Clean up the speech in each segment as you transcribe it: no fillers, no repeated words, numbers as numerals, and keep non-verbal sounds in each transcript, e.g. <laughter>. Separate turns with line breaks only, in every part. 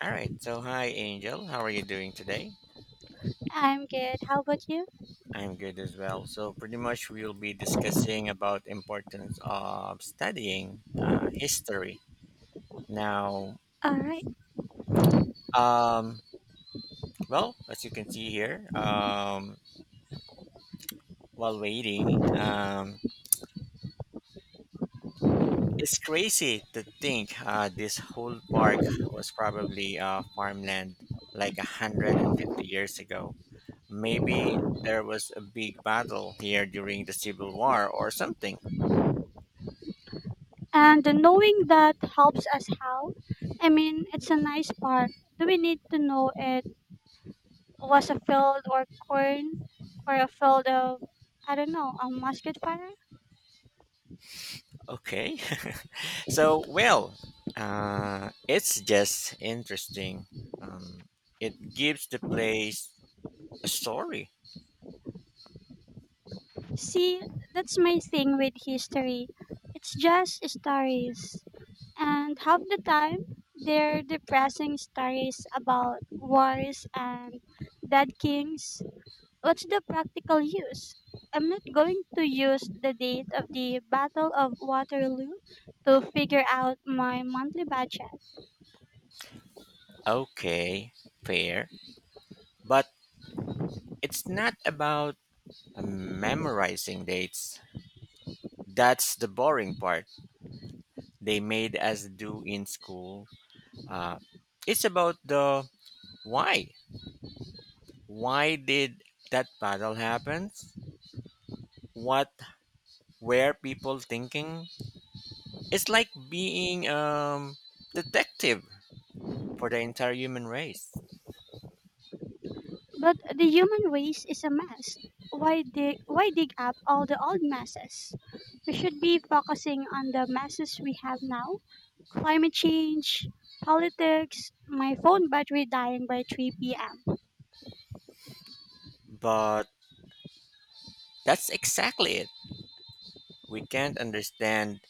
All right. So, hi, Angel. How are you doing today?
I'm good. How about you?
I'm good as well. So, pretty much we'll be discussing about importance of studying history. Now,
All right.
um, well, as you can see here, while waiting, it's crazy to think this whole park was probably farmland like 150 years ago. Maybe there was a big battle here during the Civil War or something.
And the knowing that helps us how? I mean, it's a nice part. Do we need to know it was a field or corn or a field of, I don't know, a musket fire?
Okay. <laughs> So, it's just interesting. Um, it gives the place a story.
See, that's my thing with history. It's just stories. And half the time, they're depressing stories about wars and dead kings. What's the practical use? I'm not going to use the date of the Battle of Waterloo to figure out my monthly budget.
Okay, fair. But it's not about memorizing dates. That's the boring part they made us do in school. Uh, it's about the why. Why did that battle happen? What were people thinking? It's like being detective for the entire human race.
But the human race is a mess. Why dig up all the old messes? We should be focusing on the messes we have now: climate change, politics, my phone battery dying by 3 p.m.
But that's exactly it. We can't understand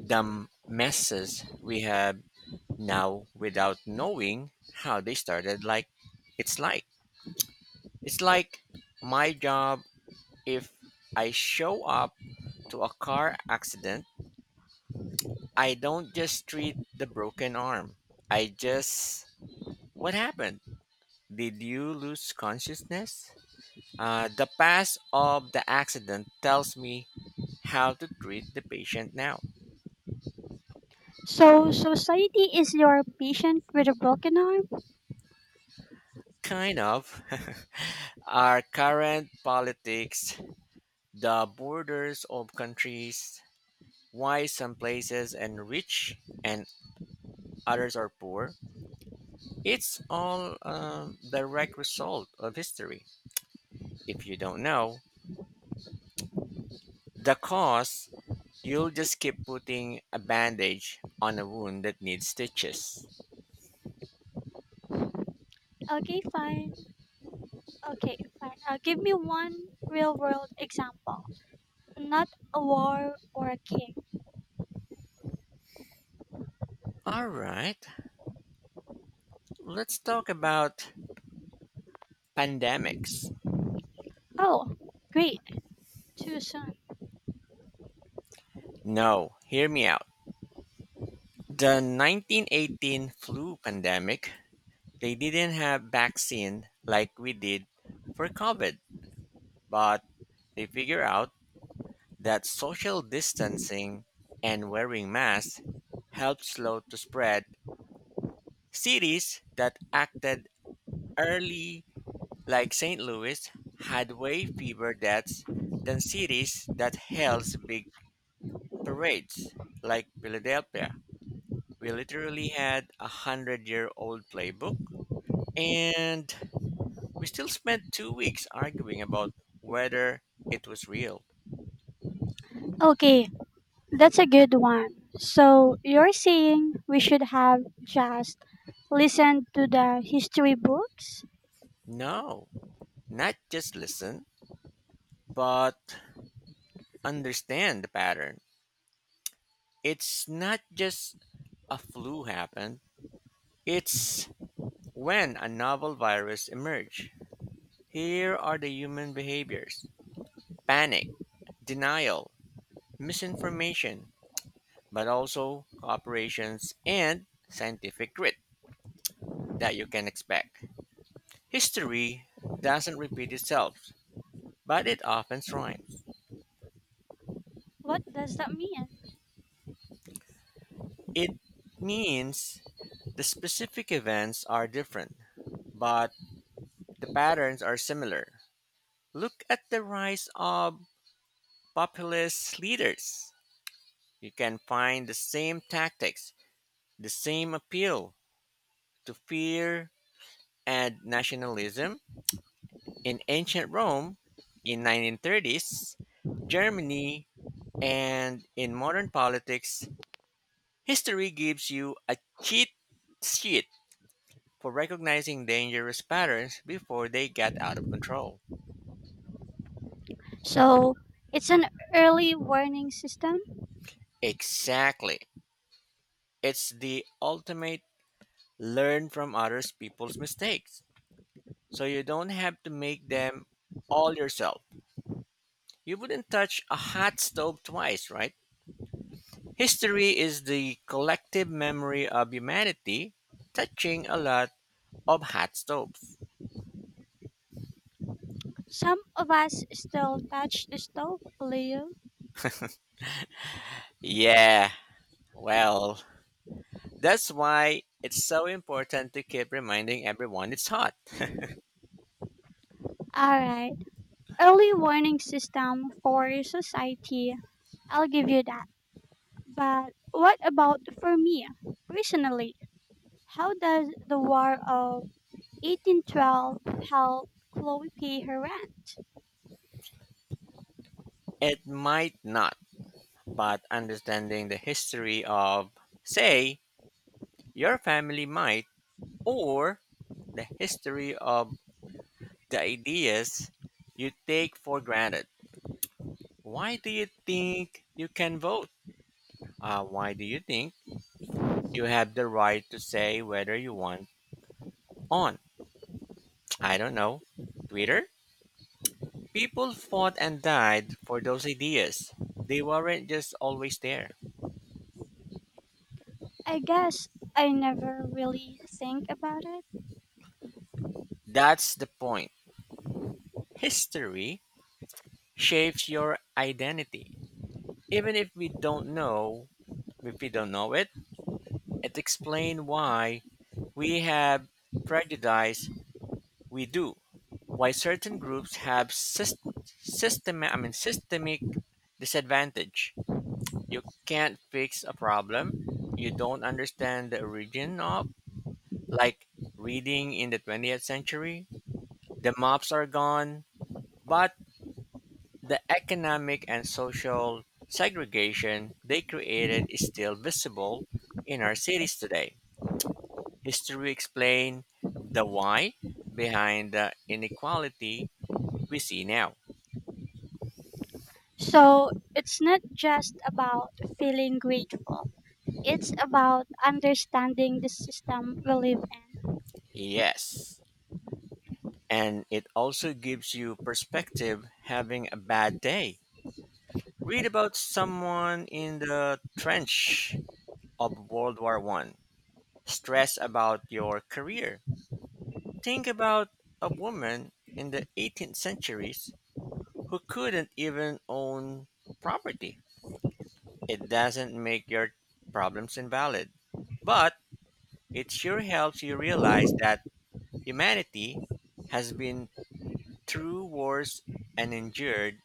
the messes we have now without knowing how they started. It's like, it's like my job. If I show up to a car accident, I don't just treat the broken arm. I just, what happened? Did you lose consciousness? The past of the accident tells me how to treat the patient now.
So, society is your patient with a broken arm?
Kind of. <laughs> Our current politics, the borders of countries, why some places are rich and others are poor, it's all a direct result of history. If you don't know the cause, you'll just keep putting a bandage on a wound that needs stitches.
Okay, fine. Okay, fine. Give me one real world example. Not a war or a king.
All right, let's talk about pandemics.
Oh, great. Too soon.
No, hear me out. The 1918 flu pandemic, they didn't have vaccine like we did for COVID, but they figure out that social distancing and wearing masks helped slow to spread. Cities that acted early like St. Louis had way fewer deaths than cities that held big parades like Philadelphia. We literally had a hundred-year-old playbook, and we still spent 2 weeks arguing about whether it was real.
Okay, that's a good one. So you're saying we should have just listened to the history books?
No, not just listen, but understand the pattern. It's not just a flu happened, it's when a novel virus emerged. Here are the human behaviors panic, denial, misinformation, but also cooperations and scientific grit, that you can expect. History doesn't repeat itself, but it often rhymes.
What does that mean?
It means the specific events are different, but the patterns are similar. Look at the rise of populist leaders. You can find the same tactics, the same appeal to fear and nationalism in ancient Rome, in 1930s Germany, and in modern politics. History gives you a cheat sheet for recognizing dangerous patterns before they get out of control.
So it's an early warning system.
Exactly. It's the ultimate learn from others people's mistakes. So you don't have to make them all yourself. You wouldn't touch a hot stove twice, right? History is the collective memory of humanity touching a lot of hot stoves.
Some of us still touch the stove, Leo.
Yeah, well, that's why it's so important to keep reminding everyone it's hot.
Alright. Early warning system for society. I'll give you that. But what about for me? Personally, how does the War of 1812 help Chloe pay her rent?
It might not, but understanding the history of, say, your family might, or the history of the ideas you take for granted. Why do you think you can vote? Why do you think you have the right to say whether you want on, I don't know, Twitter? People fought and died for those ideas. They weren't just always there.
I guess I never really think about it.
That's the point. History shapes your identity. Even if we don't know, if we don't know it, it explains why we have prejudice we do. Why certain groups have systemic disadvantage. You can't fix a problem you don't understand the origin of. Like reading in the 20th century, the mobs are gone, but the economic and social segregation they created is still visible in our cities today. History explained the why behind the inequality we see now.
So it's not just about feeling grateful, it's about understanding the system we live in.
Yes. And it also gives you perspective having a bad day. Read about someone in the trench of World War One, stress about your career. Think about a woman in the 18th centuries who couldn't even own property. It doesn't make your problems invalid, but it sure helps you realize that humanity has been through wars and endured.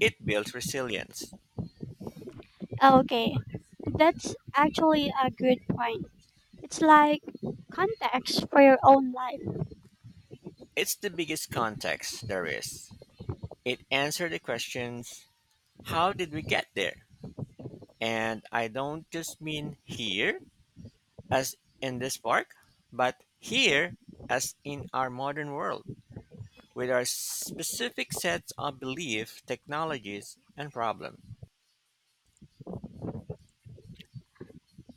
It builds resilience.
Okay, that's actually a good point. It's like context for your own life.
It's the biggest context there is. It answers the questions how did we get there? And I don't just mean here as in this park, but here as in our modern world, with our specific sets of beliefs, technologies, and problems.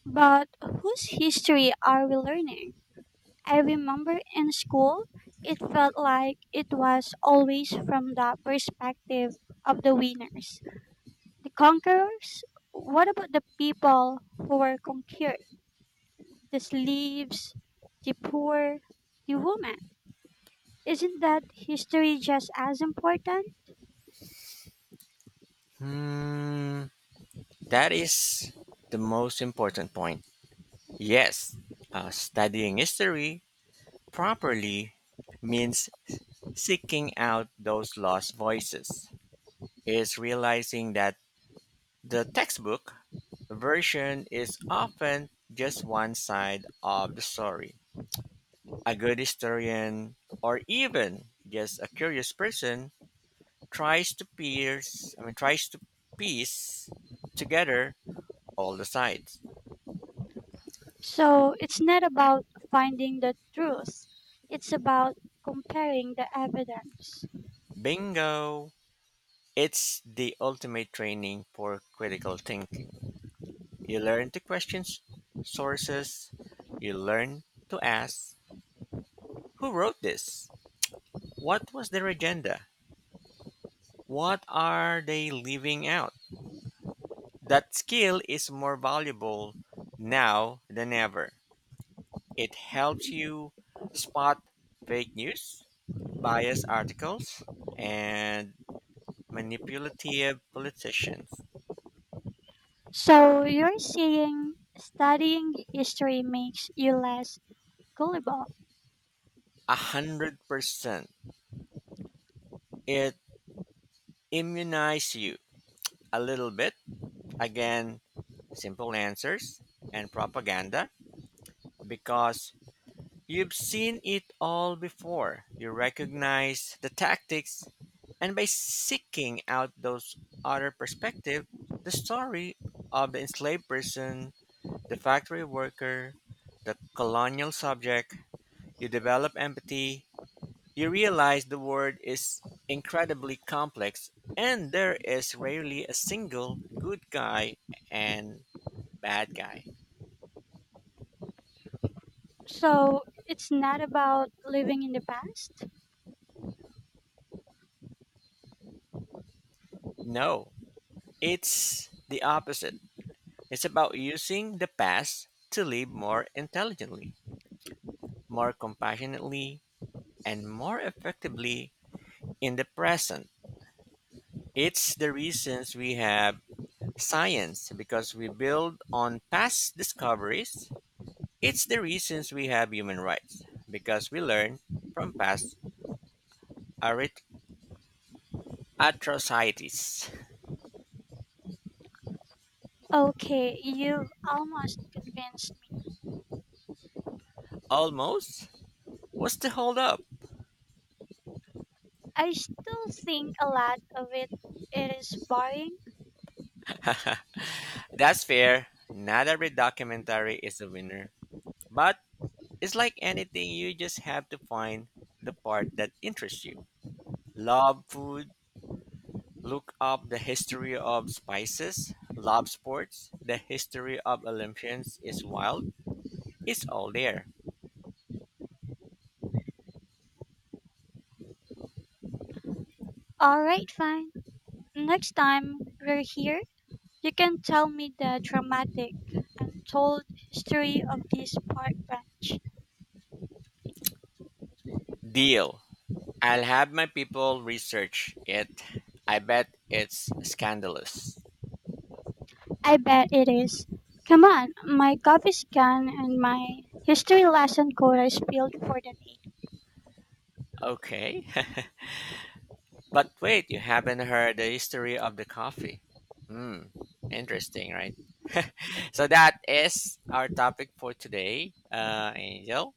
But whose history are we learning? I remember in school, it felt like it was always from the perspective of the winners. The conquerors? What about the people who were conquered? The slaves, the poor, the women? Isn't that history just as important?
Hmm, that is the most important point. Yes, studying history properly means seeking out those lost voices, is realizing that the textbook version is often just one side of the story. A good historian, or even just a curious person, tries to pierce, I mean, tries to piece together all the sides.
So it's not about finding the truth, it's about comparing the evidence.
Bingo! It's the ultimate training for critical thinking. You learn to question sources, you learn to ask, who wrote this? What was their agenda? What are they leaving out? That skill is more valuable now than ever. It helps you spot fake news, biased articles, and manipulative politicians.
So you're saying studying history makes you less gullible.
100%. It immunizes you a little bit against simple answers and propaganda because you've seen it all before. You recognize the tactics, and by seeking out those other perspective, the story of the enslaved person, the factory worker, the colonial subject, you develop empathy, you realize the world is incredibly complex and there is rarely a single good guy and bad guy.
So it's not about living in the past?
No, it's the opposite. It's about using the past to live more intelligently, more compassionately, and more effectively in the present. It's the reasons we have science because we build on past discoveries. It's the reasons we have human rights because we learn from past arit- atrocities.
Okay, you've almost convinced me.
Almost? What's the holdup?
I still think a lot of it is boring.
<laughs> That's fair. Not every documentary is a winner, but it's like anything, you just have to find the part that interests you. Love food, look up the history of spices. Love sports, the history of Olympians is wild. It's all there.
Alright, fine. Next time we're here, you can tell me the dramatic, untold history of this park bench.
Deal. I'll have my people research it. I bet it's scandalous.
I bet it is. Come on, my coffee's gone and my history lesson quota is spilled for the day.
Okay. <laughs> But wait, you haven't heard the history of the coffee. Hmm. Interesting, right? <laughs> So that is our topic for today, Angel.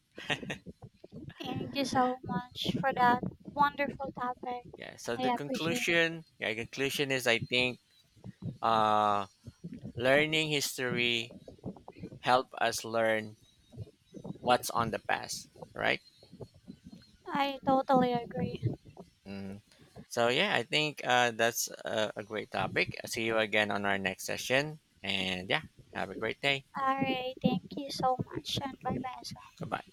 Thank you so much for that wonderful topic.
Yeah. So
I
the
appreciate it.
conclusion, yeah, conclusion is I think uh, learning history help us learn what's on the past, right?
I totally agree.
Mm. So yeah, I think that's a great topic. I'll see you again on our next session, and yeah, have a great day.
Alright, thank you so much and bye bye as well.
Goodbye.